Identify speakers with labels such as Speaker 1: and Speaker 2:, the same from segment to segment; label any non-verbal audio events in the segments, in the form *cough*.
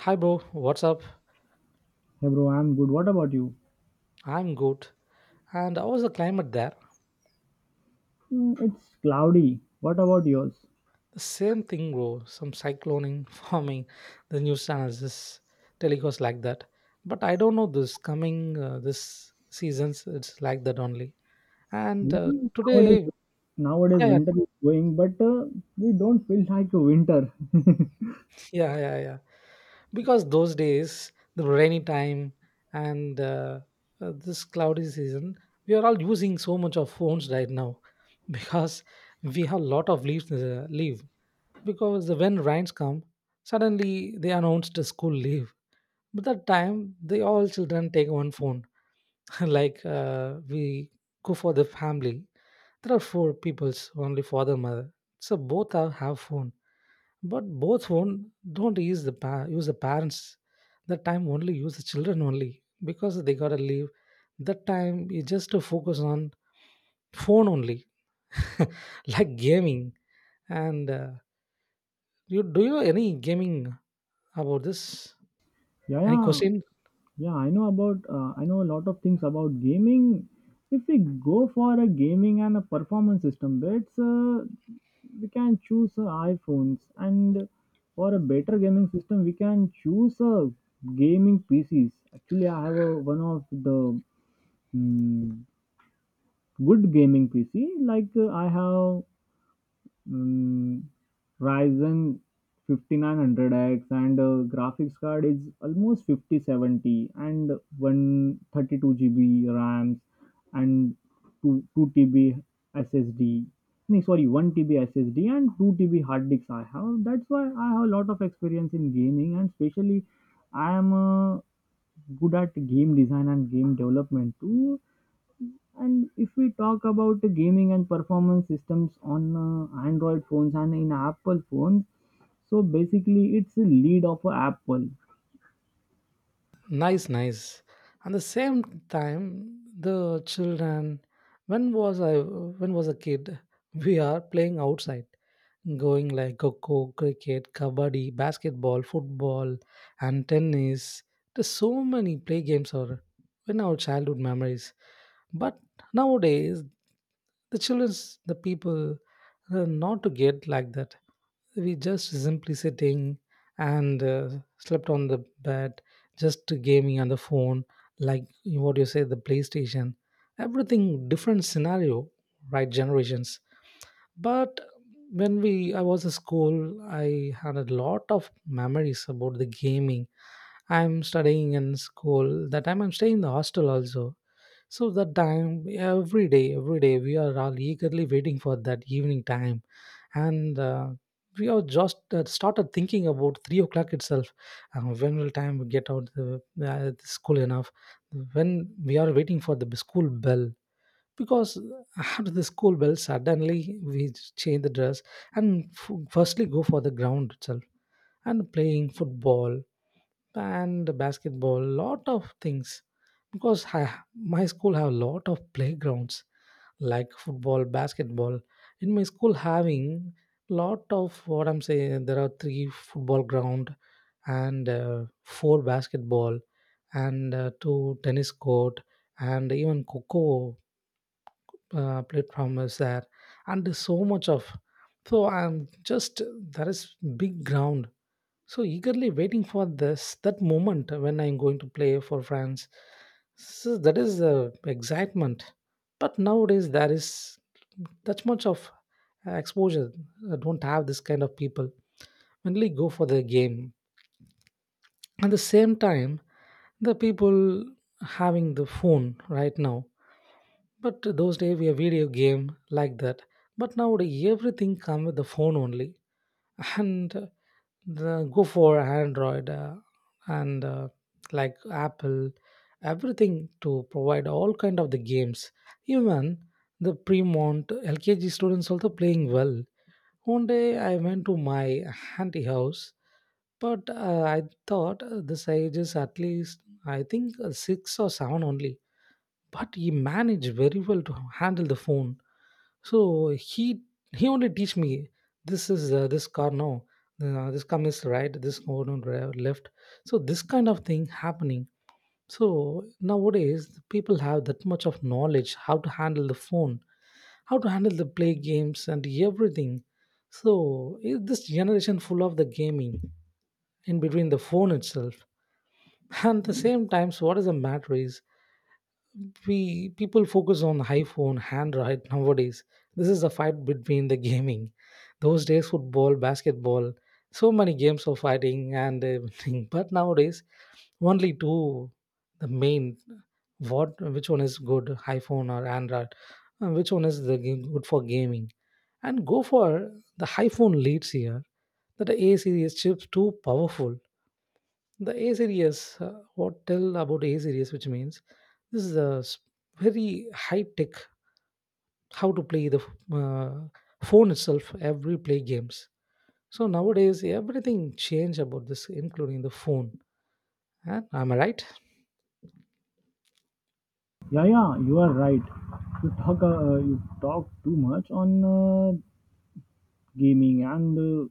Speaker 1: Hi, bro. What's up?
Speaker 2: Hey bro, I'm good. What about you?
Speaker 1: I'm good. And how was the climate there?
Speaker 2: Mm, it's cloudy. What about yours?
Speaker 1: The same thing, bro. Some cycloning *laughs* forming. The news channels just telecast like that. But I don't know this coming this seasons. It's like that only. And
Speaker 2: Yeah, nowadays,
Speaker 1: today,
Speaker 2: nowadays
Speaker 1: yeah, yeah,
Speaker 2: winter is going, but we don't feel like a winter. *laughs*
Speaker 1: *laughs* yeah, yeah, yeah. Because those days, the rainy time and this cloudy season, we are all using so much of phones right now *laughs* because we have a lot of leaves leave because when rains come, suddenly they announced a school leave. But that time, they all children take one phone. *laughs* like we go for the family, there are four peoples only, father, mother. So both are have phone, but both phone don't use the use the parents. That time only use the children only because they gotta leave. That time you just to focus on phone only, *laughs* like gaming. And you do you any gaming about this?
Speaker 2: Yeah,
Speaker 1: Any
Speaker 2: yeah,
Speaker 1: question?
Speaker 2: yeah. I know about. I know a lot of things about gaming. If we go for a gaming and a performance system, it's we can choose iPhones, and for a better gaming system, we can choose gaming PCs. Actually, I have a, one of the mm good gaming PC. Like I have um, Ryzen 5900X, and graphics card is almost 5070, and 132 GB RAMs, and 2 TB SSD. No, sorry, 1 TB SSD and 2 TB hard disks I have. That's why I have a lot of experience in gaming, and especially I am good at game design and game development too. And if we talk about the gaming and performance systems on Android phones and in Apple phones, so basically it's a lead of a Apple.
Speaker 1: Nice, nice. And the same time, the children, when was a kid, *laughs* we are playing outside, going like coco, cricket, kabaddi, basketball, football, and tennis. There's so many play games are in our childhood memories. But nowadays, the childrens, the people, not to get like that. We just simply sitting and slept on the bed, just gaming on the phone, like what you say, the playstation. Everything different scenario, right, generations. But when we I was at school, I had a lot of memories about the gaming. I'm studying in school that time, I'm staying in the hostel also. So that time, every day, we are all eagerly waiting for that evening time, and we are just started thinking about 3 o'clock itself. When will time we get out the school enough? When we are waiting for the school bell, because after the school bell, suddenly we change the dress and firstly go for the ground itself and playing football and basketball, lot of things because I, my school have a lot of playgrounds like football, basketball. In my school having lot of, what I'm saying, there are three football ground and four basketball and two tennis court, and even coco platform is there, and there's so much of, so I'm just, there is big ground. So eagerly waiting for this, that moment when I'm going to play for france. So that is the excitement. But nowadays there is that much of exposure. I don't have this kind of people only go for the game. At the same time, the people having the phone right now, but those days we have video game like that. But nowadays everything come with the phone only, and go for android and like apple, everything to provide all kind of the games. Even the premont LKG students also playing well. One day I went to my auntie house, but I thought this age is at least I think 6 or 7 only, but he managed very well to handle the phone. So he he only teach me, this is this car now, this come is right, this go on left. So this kind of thing happening. So nowadays people have that much of knowledge how to handle the phone, how to handle the play games and everything. So this generation full of the gaming in between the phone itself. And the same times, what is the matter is we people focus on iphone hand right nowadays. This is a fight between the gaming. Those days football, basketball, so many games of fighting and everything, *laughs* but nowadays only two, the main, what, which one is good, iphone or android, which one is the good for gaming. And go for the iphone leads here, that the a series chips too powerful. The a series, what, tell about a series, which means this is very high tech, how to play the phone itself, every play games. So nowadays everything changed about this including the phone. Huh? Am I right?
Speaker 2: Yeah, yeah, you are right. You talk too much on gaming and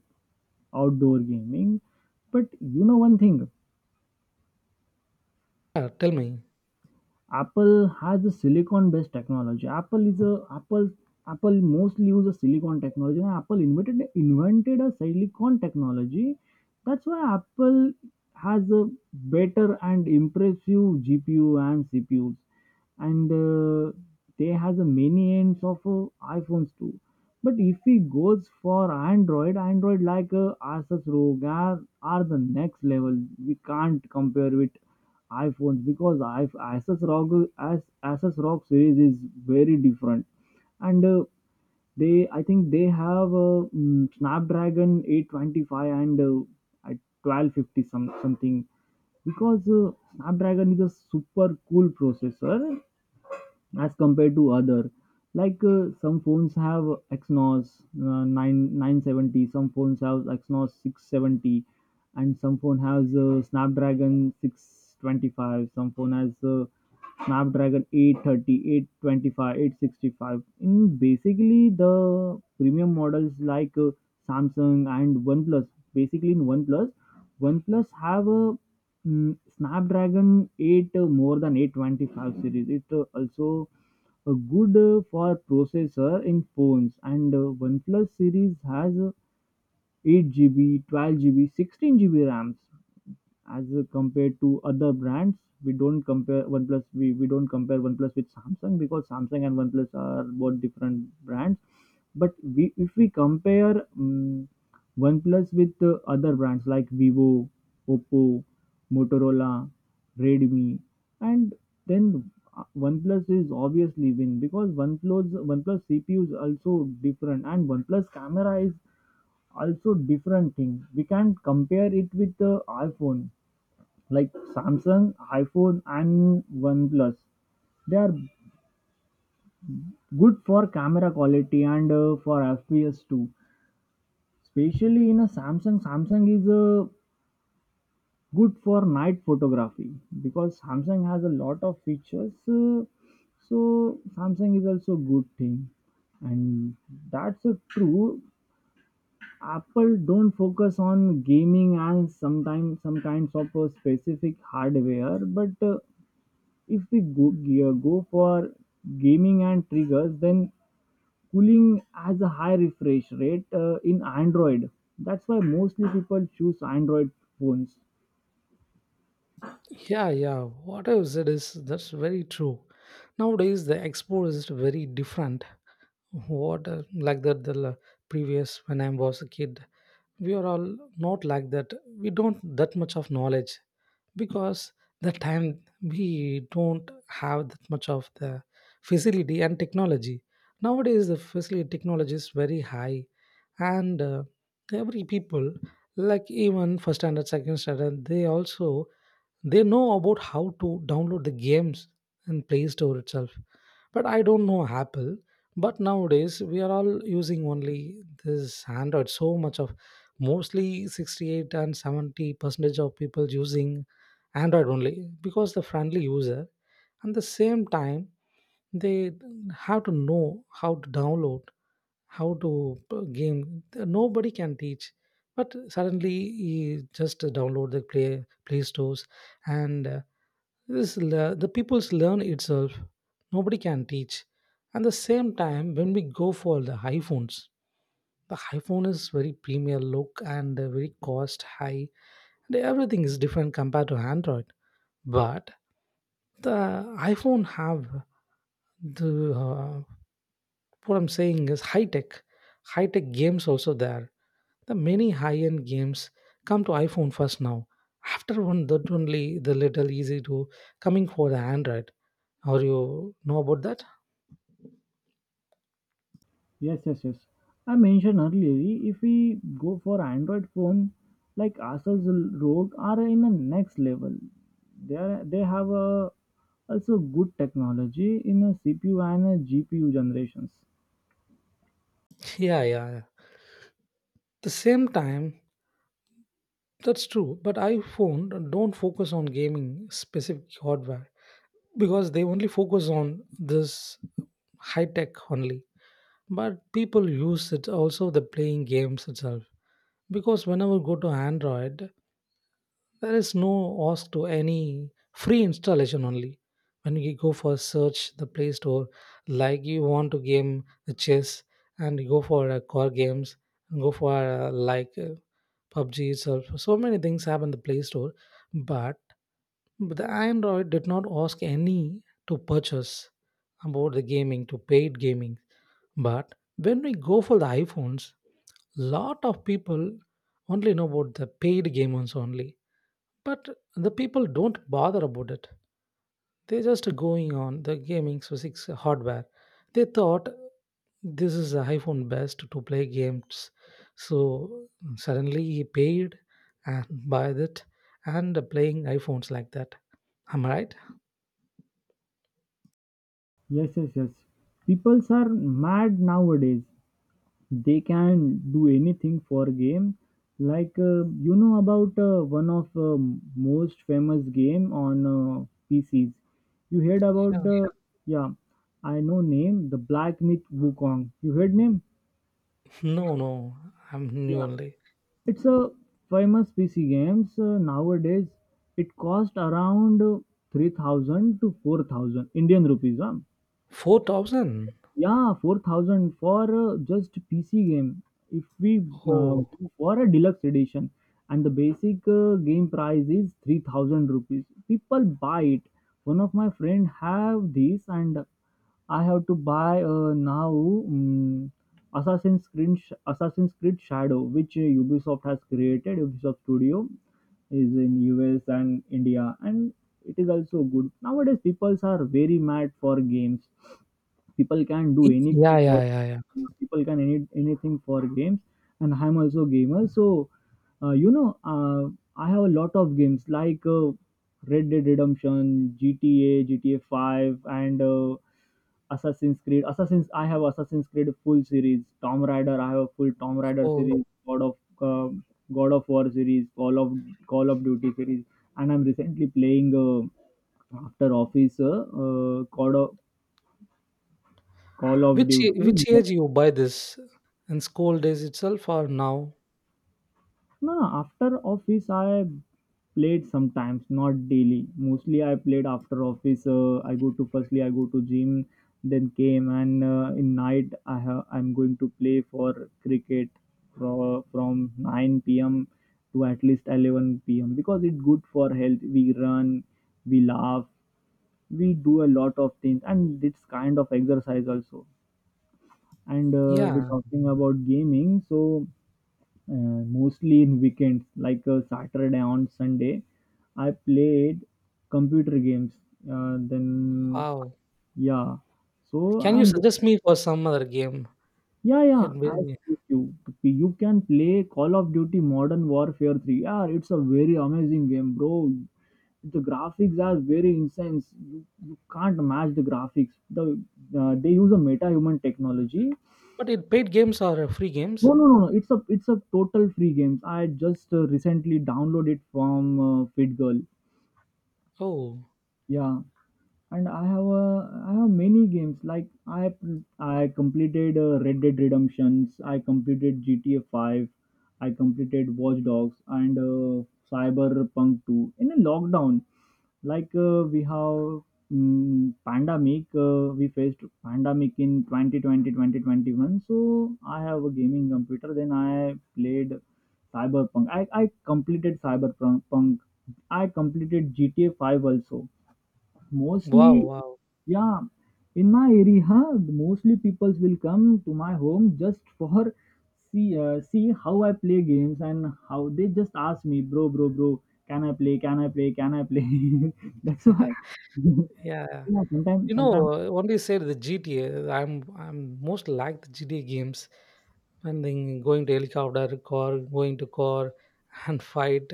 Speaker 2: outdoor gaming, but you know one thing.
Speaker 1: Yeah, tell me.
Speaker 2: Apple has a silicon-based technology. Apple is a Apple mostly uses silicon technology. And Apple invented a silicon technology. That's why Apple has a better and impressive GPU and CPUs, and they has a many ends of iPhones too. But if we goes for Android, Android like Asus ROG are the next level. We can't compare with iPhones because Asus ROG as Asus ROG series is very different. And. They, I think, they have a Snapdragon 825, and at 1250 some something, because Snapdragon is a super cool processor as compared to other, like some phones have Exynos 9 970, some phones have Exynos 670, and some phone has Snapdragon 625, some phone has Snapdragon 830 825 865 in basically the premium models, like Samsung and OnePlus. Basically in OnePlus, OnePlus have a Snapdragon 8, more than 825 series. It also good for processor in phones, and OnePlus series has 8 GB, 12 GB, 16 GB RAMs as compared to other brands. We don't compare OnePlus. We don't compare OnePlus with Samsung, because Samsung and OnePlus are both different brands. But we if we compare um, OnePlus with other brands, like Vivo, Oppo, Motorola, Redmi, and then OnePlus is obviously win, because OnePlus CPU is also different, and OnePlus camera is also different thing. We can compare it with the iPhone, like Samsung, iPhone, and OnePlus. They are good for camera quality and for FPS too. Especially in a Samsung, Samsung is good for night photography, because Samsung has a lot of features. So Samsung is also good thing, and that's true. Apple don't focus on gaming and sometimes some kinds of a specific hardware. But if we go, yeah, go for gaming and triggers, then cooling has a high refresh rate in Android. That's why mostly people choose Android phones.
Speaker 1: Yeah, yeah, whatever it is, that's very true. Nowadays the expo is very different. What like that, previous when I was a kid, we are all not like that. We don't that much of knowledge because the time we don't have that much of the facility and technology. Nowadays the facility technology is very high, and every people, like even first standard, second standard, they also, they know about how to download the games in play store itself. But I don't know apple. But nowadays we are all using only this android, so much of, mostly 68 and 70 percentage of people using android only because the friendly user. And the same time, they have to know how to download, how to game, nobody can teach. But suddenly you just download the play stores, and the people's learn itself. Nobody can teach. At the same time, when we go for the iPhones, the iPhone is very premier look and very cost high, and everything is different compared to Android. But the iPhone have the what I'm saying is high tech games also there. The many high-end games come to iPhone first now. After one, that only the little easy to coming for the Android. Or you know about that?
Speaker 2: Yes, yes, yes. I mentioned earlier, if we go for Android phone, like Asus Rogue are in the next level. They have a also good technology in a CPU and a GPU generations.
Speaker 1: *laughs* Yeah, yeah, yeah. The same time, that's true. But iPhone don't focus on gaming specific hardware because they only focus on this high tech only. But people use it also the playing games itself because whenever go to Android, there is no ask to any free installation only. When you go for search the Play Store, like you want to game the chess and you go for core games, and go for PUBG itself. So many things have in the Play Store, but the Android did not ask any to purchase about the gaming, to paid gaming. But when we go for the iPhones, lot of people only know about the paid games only, but the people don't bother about it. They're just going on the gaming physics hardware. They thought this is the iPhone best to play games. So suddenly he paid and *laughs* buy it and playing iPhones like that. Am I right?
Speaker 2: Yes, yes, yes. Peoples are mad nowadays. They can do anything for game, like you know about one of most famous game on PCs. You heard
Speaker 1: Yeah.
Speaker 2: about the? Yeah, I know name, the Black Myth Wukong. You heard name?
Speaker 1: No, no. I'm new
Speaker 2: Yeah,
Speaker 1: only.
Speaker 2: it's a famous PC games nowadays. It cost around 3,000 to 4,000 Indian rupees, huh?
Speaker 1: 4,000?
Speaker 2: Yeah, 4,000 for just PC game. If we
Speaker 1: Oh.
Speaker 2: go for a deluxe edition, and the basic game price is 3,000 rupees. People buy it. One of my friend have this, and I have to buy now um, Assassin's Creed Assassin's Creed Shadow, which Ubisoft has created. Ubisoft Studio is in US and India, and it is also good. Nowadays people are very mad for games. People can do
Speaker 1: Y-
Speaker 2: anything
Speaker 1: Yeah,
Speaker 2: for.
Speaker 1: yeah, yeah, yeah.
Speaker 2: People can anything for games, and I'm also gamer. So, uh, you know, uh, I have a lot of games, like Red Dead Redemption, GTA, GTA 5, and Assassin's Creed. Assassin's I have Assassin's Creed full series. Tom Raider, I have a full Tom Raider
Speaker 1: Oh.
Speaker 2: series. God of War series. Call of Duty series. And I'm recently playing after office, God of Call of
Speaker 1: Which
Speaker 2: Duty.
Speaker 1: which age you buy this? In school days itself or now?
Speaker 2: No, no, after office I played sometimes, not daily. Mostly I played after office. I go to firstly I go to gym. Then came, and in night, I'm going to play for cricket from 9 p.m. to at least 11 p.m., because it's good for health. We run, we laugh, we do a lot of things, and it's kind of exercise also. And we're
Speaker 1: Yeah.
Speaker 2: talking about gaming, so. Mostly in weekends, like Saturday on Sunday, I played computer games. Then,
Speaker 1: Wow.
Speaker 2: yeah. So
Speaker 1: Can you
Speaker 2: I'm,
Speaker 1: suggest me for some other game?
Speaker 2: yeah, yeah.
Speaker 1: It
Speaker 2: I
Speaker 1: will,
Speaker 2: suggest you can play Call of Duty Modern Warfare 3. Yeah, it's a very amazing game, bro. The graphics are very insane. You can't match the graphics. They use a meta human technology.
Speaker 1: but it paid games or free
Speaker 2: No,
Speaker 1: games?
Speaker 2: no, no, no. It's a total free games. I just recently downloaded it from FitGirl.
Speaker 1: Oh.
Speaker 2: Yeah, and I have many games, like I completed Red Dead Redemptions, I completed GTA 5, I completed Watch Dogs and Cyberpunk 2 in a lockdown. Like we have pandemic. We faced pandemic in 2020 2021. So I have a gaming computer. Then I played Cyberpunk. I completed Cyberpunk. I completed GTA 5 also.
Speaker 1: Wow,
Speaker 2: Mostly,
Speaker 1: wow.
Speaker 2: yeah, in my area, mostly people will come to my home just for see how I play games, and how they just ask me, bro, bro, bro, can I play? Can I play? Can I play? *laughs* That's why.
Speaker 1: *laughs* Yeah,
Speaker 2: *laughs*
Speaker 1: yeah.
Speaker 2: Yeah,
Speaker 1: You know,
Speaker 2: sometimes.
Speaker 1: when you said the GTA, I'm most like the GTA games when then going to helicopter, car, going to car, *laughs* and fight.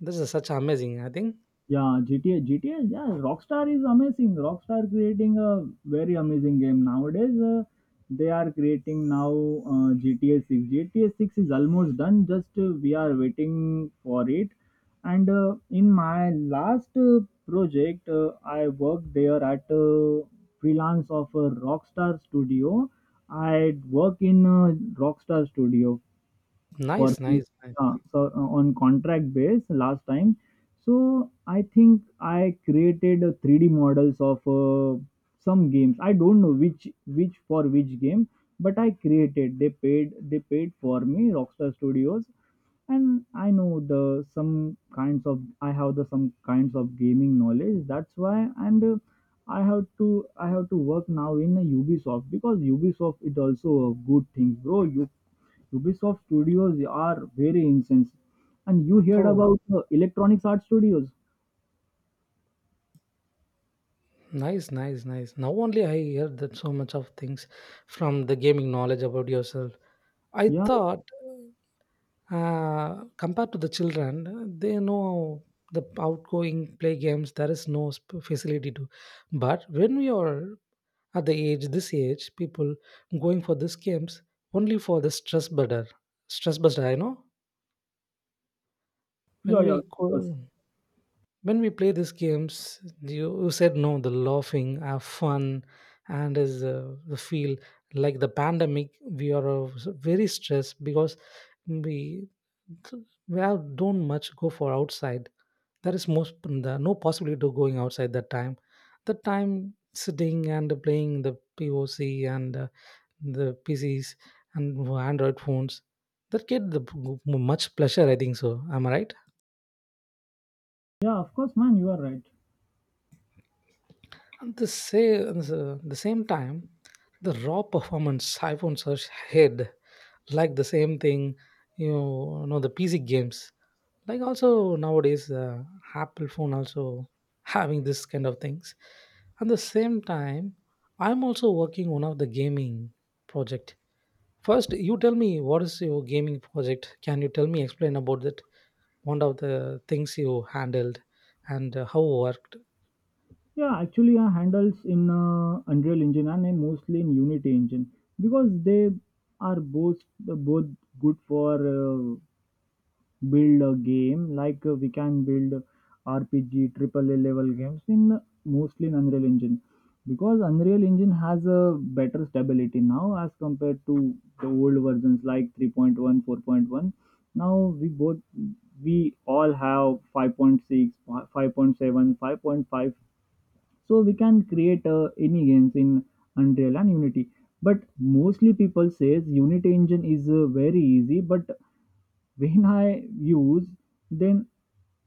Speaker 1: This is such amazing, I think.
Speaker 2: Yeah, GTA, yeah, Rockstar is amazing. Rockstar creating a very amazing game nowadays. They are creating now GTA 6. GTA 6 is almost done. Just we are waiting for it. And in my last project, I worked there at freelance of a Rockstar studio. I work in a Rockstar studio for
Speaker 1: Nice, nice, nice.
Speaker 2: so on contract base last time. So I think I created a 3D models of some games. I don't know which, for which game, but I created. They paid for me, Rockstar Studios. And I know the some kinds of, I have the some kinds of gaming knowledge, that's why. And I have to work now in a Ubisoft, because Ubisoft is also a good thing, bro. You Ubisoft studios are very intense. And you heard
Speaker 1: Oh,
Speaker 2: about Electronics Art Studios?
Speaker 1: nice, nice, nice. Now only I heard that so much of things from the gaming knowledge about yourself. I
Speaker 2: Yeah,
Speaker 1: thought. Compared to the children, they know the outgoing play games. There is no facility to. But when we are at the age, this age, people going for these games only for the stress buster. Stress buster, I know.
Speaker 2: yeah,
Speaker 1: When
Speaker 2: yeah,
Speaker 1: we
Speaker 2: of course.
Speaker 1: go, when we play these games, you said no. The laughing, have fun, and is the feel like the pandemic. We are very stressed because we well don't much go for outside. There is most the, no possibility to going outside that time. The time sitting and playing the POC and the PCs and Android phones that get the much pleasure. I think so. Am I right?
Speaker 2: Yeah, of course, man, you are right.
Speaker 1: At the same time, the raw performance iPhones are head, like the same thing, you know the PC games. Like also nowadays, Apple phone also having this kind of things. At the same time, I'm also working one of the gaming project. First, you tell me what is your gaming project? Can you tell me explain about that? One of the things you handled and how worked?
Speaker 2: Yeah, actually, I handles in Unreal Engine and I mostly in Unity Engine, because they are both good for uh, build a game, like we can build RPG, triple A level games in mostly in Unreal Engine, because Unreal Engine has a better stability now as compared to the old versions like 3.1, 4.1. Now we all have 5.6, 5.7, 5.5, so we can create any games in Unreal and Unity. But mostly people says Unity engine is very easy, but when I use, then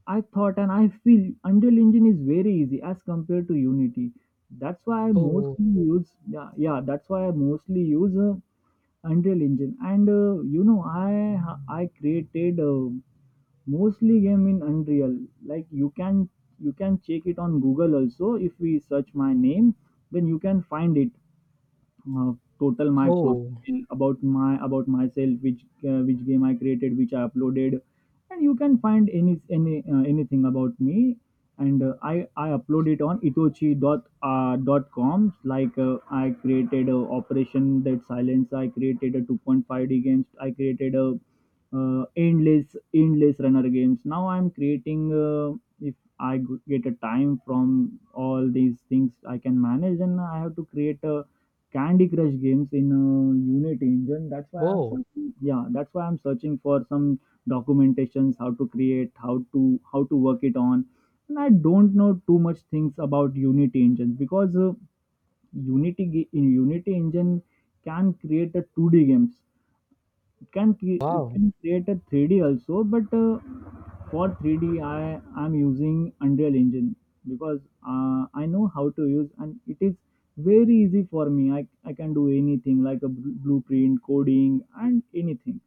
Speaker 2: I thought and I feel Unreal Engine is very easy as compared to Unity. That's why I
Speaker 1: Oh,
Speaker 2: mostly use yeah, yeah that's why I mostly use Unreal Engine. And I created mostly game in Unreal. Like, you can check it on Google also if we search my name, then you can find it, uh, total my
Speaker 1: oh,
Speaker 2: profile, about myself, which game I created, which I uploaded, and you can find anything about me. And I upload it on itochi dot com. Like, I created a operation that silence. I created a 2.5D games. I created a uh, endless endless runner games. Now I'm creating if I get a time from all these things, I can manage, and I have to create a candy crush games in a unity engine. That's why I'm
Speaker 1: oh.
Speaker 2: searching, Yeah, that's why I'm searching for some documentations, how to work it on. And I don't know too much things about unity engines, because in unity engine can create a 2D games. It it
Speaker 1: Wow.
Speaker 2: can create a 3D also, but for 3D I am using unreal engine, because I know how to use, and it is very easy for me. I can do anything like a blueprint coding and anything.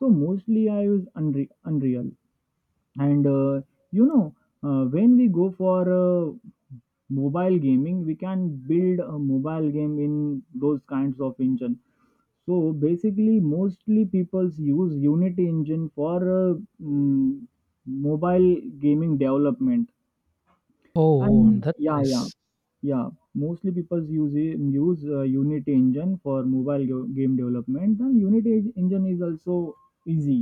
Speaker 2: So mostly I use unreal. And uh, you know uh, when we go for mobile gaming, we can build a mobile game in those kinds of engine. So basically, mostly people use unity engine for mm, mobile gaming development.
Speaker 1: Oh,
Speaker 2: And
Speaker 1: that's
Speaker 2: yeah, yeah,
Speaker 1: nice.
Speaker 2: yeah, mostly people use unity engine for mobile game development. And unity engine is also easy.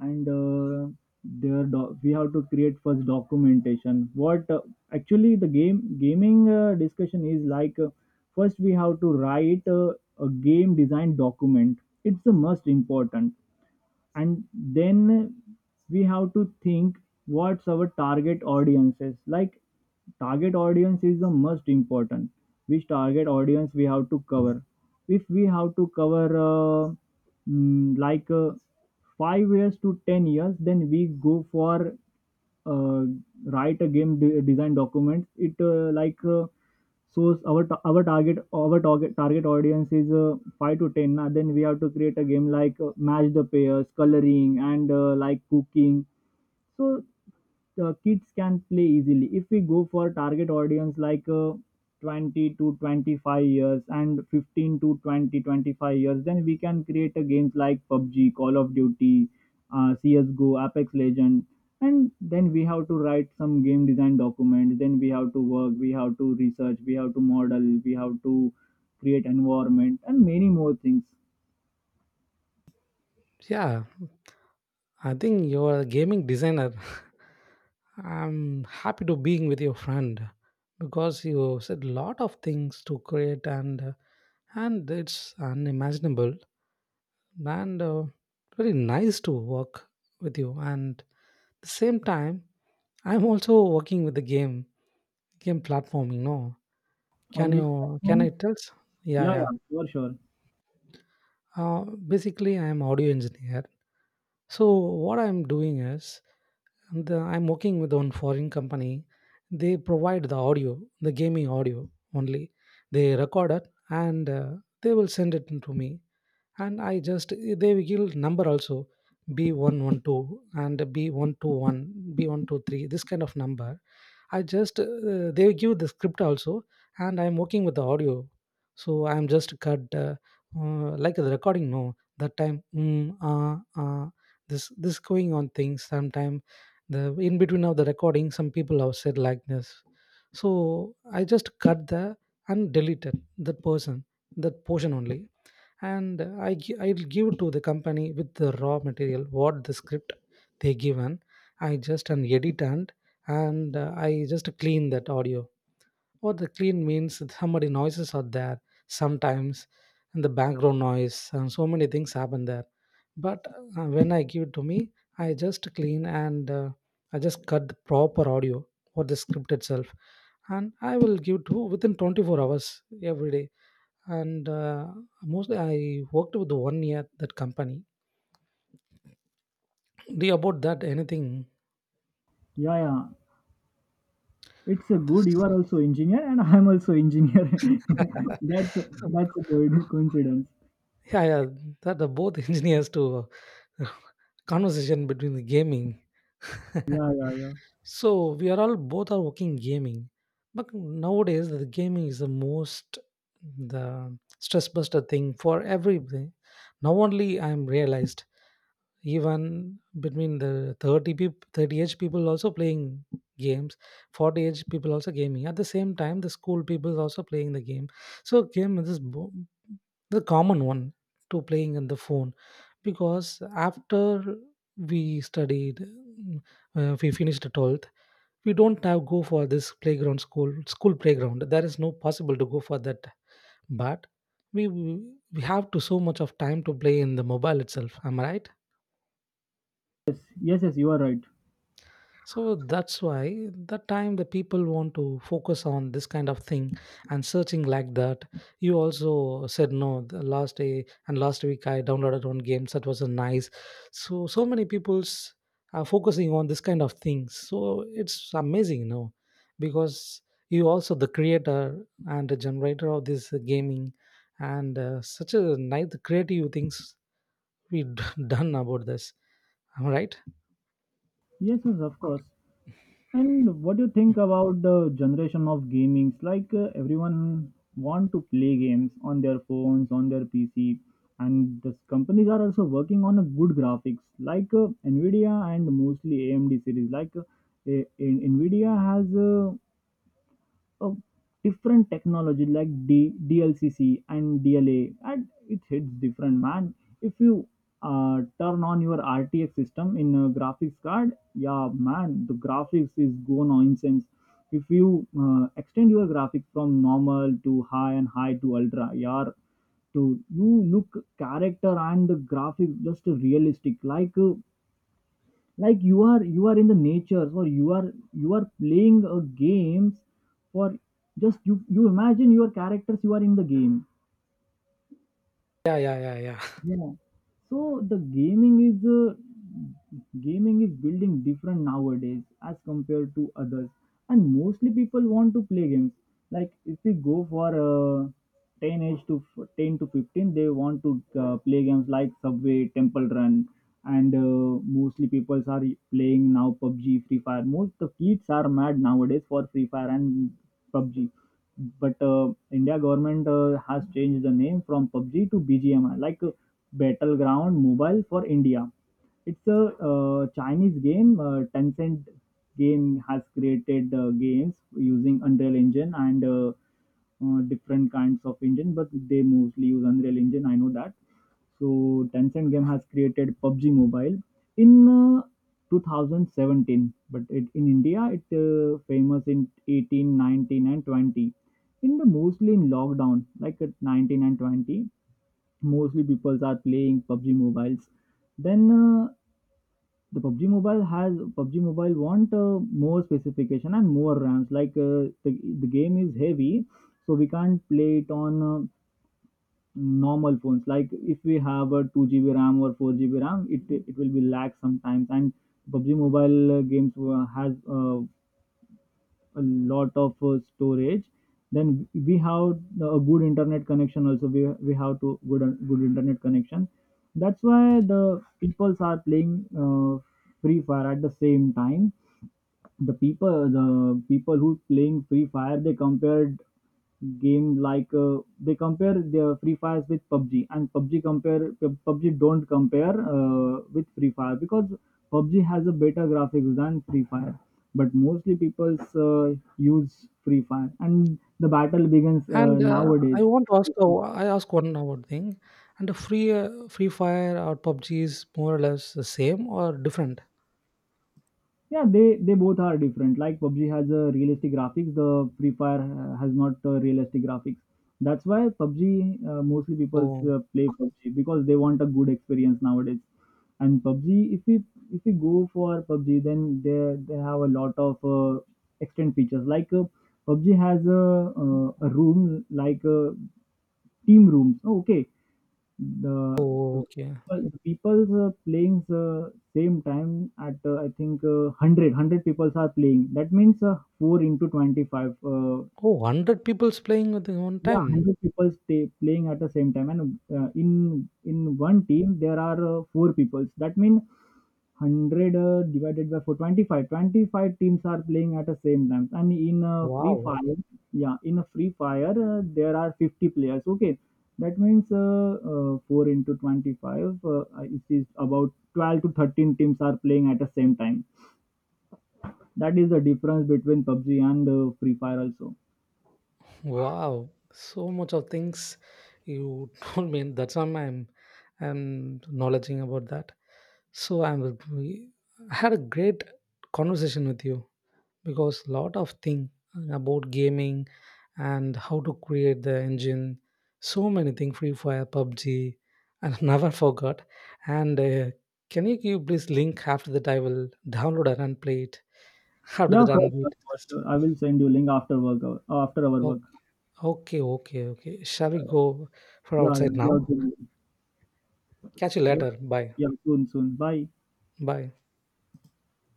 Speaker 2: And we have to create first documentation. What Actually, the game gaming discussion is like, first we have to write a game design document. It's the most important. And then we have to think what's our target audiences. Like, target audience is the most important, which target audience we have to cover. If we have to cover like, 5 years to 10 years, then we go for uh, write a game design document. It, like, so our target audience is 5 to 10. Then we have to create a game like match the pairs, coloring, and like cooking. So kids can play easily. If we go for target audience like 20 to 25 years and 15 to 20 25 years, then we can create a games like PUBG, Call of Duty, CSGO, Apex Legend. And then we have to write some game design documents. Then we have to work, we have to research, we have to model, we have to create environment, and many more things.
Speaker 1: Yeah, I think you are a gaming designer. *laughs* I'm happy to being with your friend because you said a lot of things to create, and and it's unimaginable, and very nice to work with you. And the same time, I'm also working with the game platform. You know,
Speaker 2: On
Speaker 1: can
Speaker 2: which
Speaker 1: you, can
Speaker 2: platform?
Speaker 1: I tell? Yeah,
Speaker 2: Yeah,
Speaker 1: yeah.
Speaker 2: yeah, sure.
Speaker 1: Uh, Basically, I am audio engineer. So what I'm doing is, the, I'm working with one foreign company. They provide the audio, the gaming audio only. They record it and they will send it to me. And I just They will give number also, B 112, and B 121, B 123, this kind of number. I just They give the script also, and I'm working with the audio, so I'm just cut like the recording. No, that time this going on things. Sometime the in between of the recording, some people have said like this, so I just cut the and deleted that person, that portion only, and I'll give to the company with the raw material what the script they given. I just an edit and I just clean that audio. What the clean means that somebody noises are there sometimes, and the background noise and so many things happen there. But when I give it to me, I just clean and I just cut the proper audio for the script itself, and I will give to within 24 hours every day and mostly I worked with one year at that company. Do you about that anything?
Speaker 2: Yeah, yeah. It's a good. You
Speaker 1: This-
Speaker 2: are also engineer, and I'm also engineer. *laughs*
Speaker 1: *laughs*
Speaker 2: that's a,
Speaker 1: so,
Speaker 2: that's a good coincidence.
Speaker 1: yeah, yeah, that are both *laughs* engineers to uh, *laughs* conversation between the gaming.
Speaker 2: Yeah, yeah, yeah.
Speaker 1: *laughs* So we are all both are working gaming, but nowadays the gaming is the most the stress buster thing for everybody. Now only I am realized. Even between the 30 age people also playing games, 40 age people also gaming at the same time, the school people also playing the game. So game is the common one to playing on the phone, because after we studied mm, we finished 12th. We don't now go for this playground, school playground, there is no possible to go for that. But we we we have to so much of time to play in the mobile itself. Am I right?
Speaker 2: Yes, yes, yes. You are right.
Speaker 1: So that's why that time the people want to focus on this kind of thing and searching like that. You also said no, the last day and last week I downloaded one game that was a nice. So, so many people's are focusing on this kind of things. So it's amazing, no, because you also the creator and the generator of this gaming and such a nice creative things we *laughs* done about this. Am I right?
Speaker 2: Yes, yes, of course. And what do you think about the generation of gamings? Like, everyone want to play games on their phones, on their PC, and the companies are also working on a good graphics, like Nvidia and mostly AMD series. Like, Nvidia has of different technology like DLCC and DLA, and it hits different, man. If you turn on your RTX system in a graphics card, yeah, man, the graphics is go nonsense. If you extend your graphics from normal to high and high to ultra, yeah, to you look character and the graphics just realistic, like. Like, you are in the nature, or you are playing a games, or just you imagine your characters, you are in the game.
Speaker 1: Yeah, yeah, yeah, yeah. *laughs*
Speaker 2: Yeah. So the gaming is building different nowadays as compared to others, and mostly people want to play games. Like, if we go for 10 to 15, they want to play games like Subway, Temple Run, and mostly people are playing now PUBG, Free Fire. Most the kids are mad nowadays for Free Fire and PUBG, but India government has changed the name from PUBG to BGMI. Like, Battleground Mobile for India. It's a Chinese game. Tencent game has created games using Unreal Engine and different kinds of engine, but they mostly use Unreal Engine. I know that. So Tencent game has created PUBG Mobile in 2017, but in India it famous in 18, 19, and 20. In the mostly in lockdown, like at 19 and 20, mostly people are playing PUBG mobiles. Then the PUBG mobile has PUBG mobile want more specification and more RAMs. Like, the game is heavy, so we can't play it on normal phones. Like, if we have a 2 GB RAM or 4 GB RAM, it will be lag sometimes. And PUBG mobile games has a lot of storage. Then we have a good internet connection also. We have to good internet connection. That's why the peoples are playing uh, free fire at the same time. The people who playing free fire, they compared game like, they compare their free fires with PUBG, and PUBG don't compare with free fire, because PUBG has a better graphics than free fire. But mostly people uh, use free fire, and the battle begins
Speaker 1: And
Speaker 2: nowadays.
Speaker 1: I want to ask, I ask one about thing. And the Free Fire or PUBG is more or less the same or different?
Speaker 2: Yeah, they both are different. Like PUBG has a realistic graphics, the Free Fire has not realistic graphics. That's why PUBG, mostly people
Speaker 1: Oh,
Speaker 2: play PUBG, because they want a good experience nowadays. And PUBG, if we go for PUBG, then they have a lot of extend features. Like, PUBG has a room, like team rooms. Oh, okay. the the
Speaker 1: oh, okay.
Speaker 2: people the people's playing the same time at, I think, 100 people are playing. That means 4 into 25.
Speaker 1: Oh, 100 people's playing at the one
Speaker 2: Yeah,
Speaker 1: time.
Speaker 2: 100 people stay playing at the same time, and in one team there are four people. That means 100 divided by 425. 25 twenty-five teams are playing at the same time, and in a free
Speaker 1: Wow.
Speaker 2: fire, yeah, in a free fire there are 50 players. Okay, that means 4 into 25. uh, it is about 12 to 13 teams are playing at the same time. That is the difference between PUBG and free fire also.
Speaker 1: Wow. So much of things you *laughs* told me. That's why I'm acknowledging about that. So I had a great conversation with you, because lot of thing about gaming and how to create the engine, so many things, Free Fire, PUBG, and *laughs* never forgot. And can you give please link? After that I will download it and play it. *laughs* After
Speaker 2: Yeah,
Speaker 1: that
Speaker 2: for
Speaker 1: and we
Speaker 2: sure, for
Speaker 1: discuss.
Speaker 2: sure, I will send you link after work hour, after our
Speaker 1: Okay,
Speaker 2: work.
Speaker 1: okay, okay, okay, shall we go for
Speaker 2: Yeah, yeah,
Speaker 1: outside
Speaker 2: yeah,
Speaker 1: now?
Speaker 2: okay.
Speaker 1: Catch you
Speaker 2: Yeah,
Speaker 1: later, bye.
Speaker 2: yeah, soon, soon. Bye.
Speaker 1: Bye.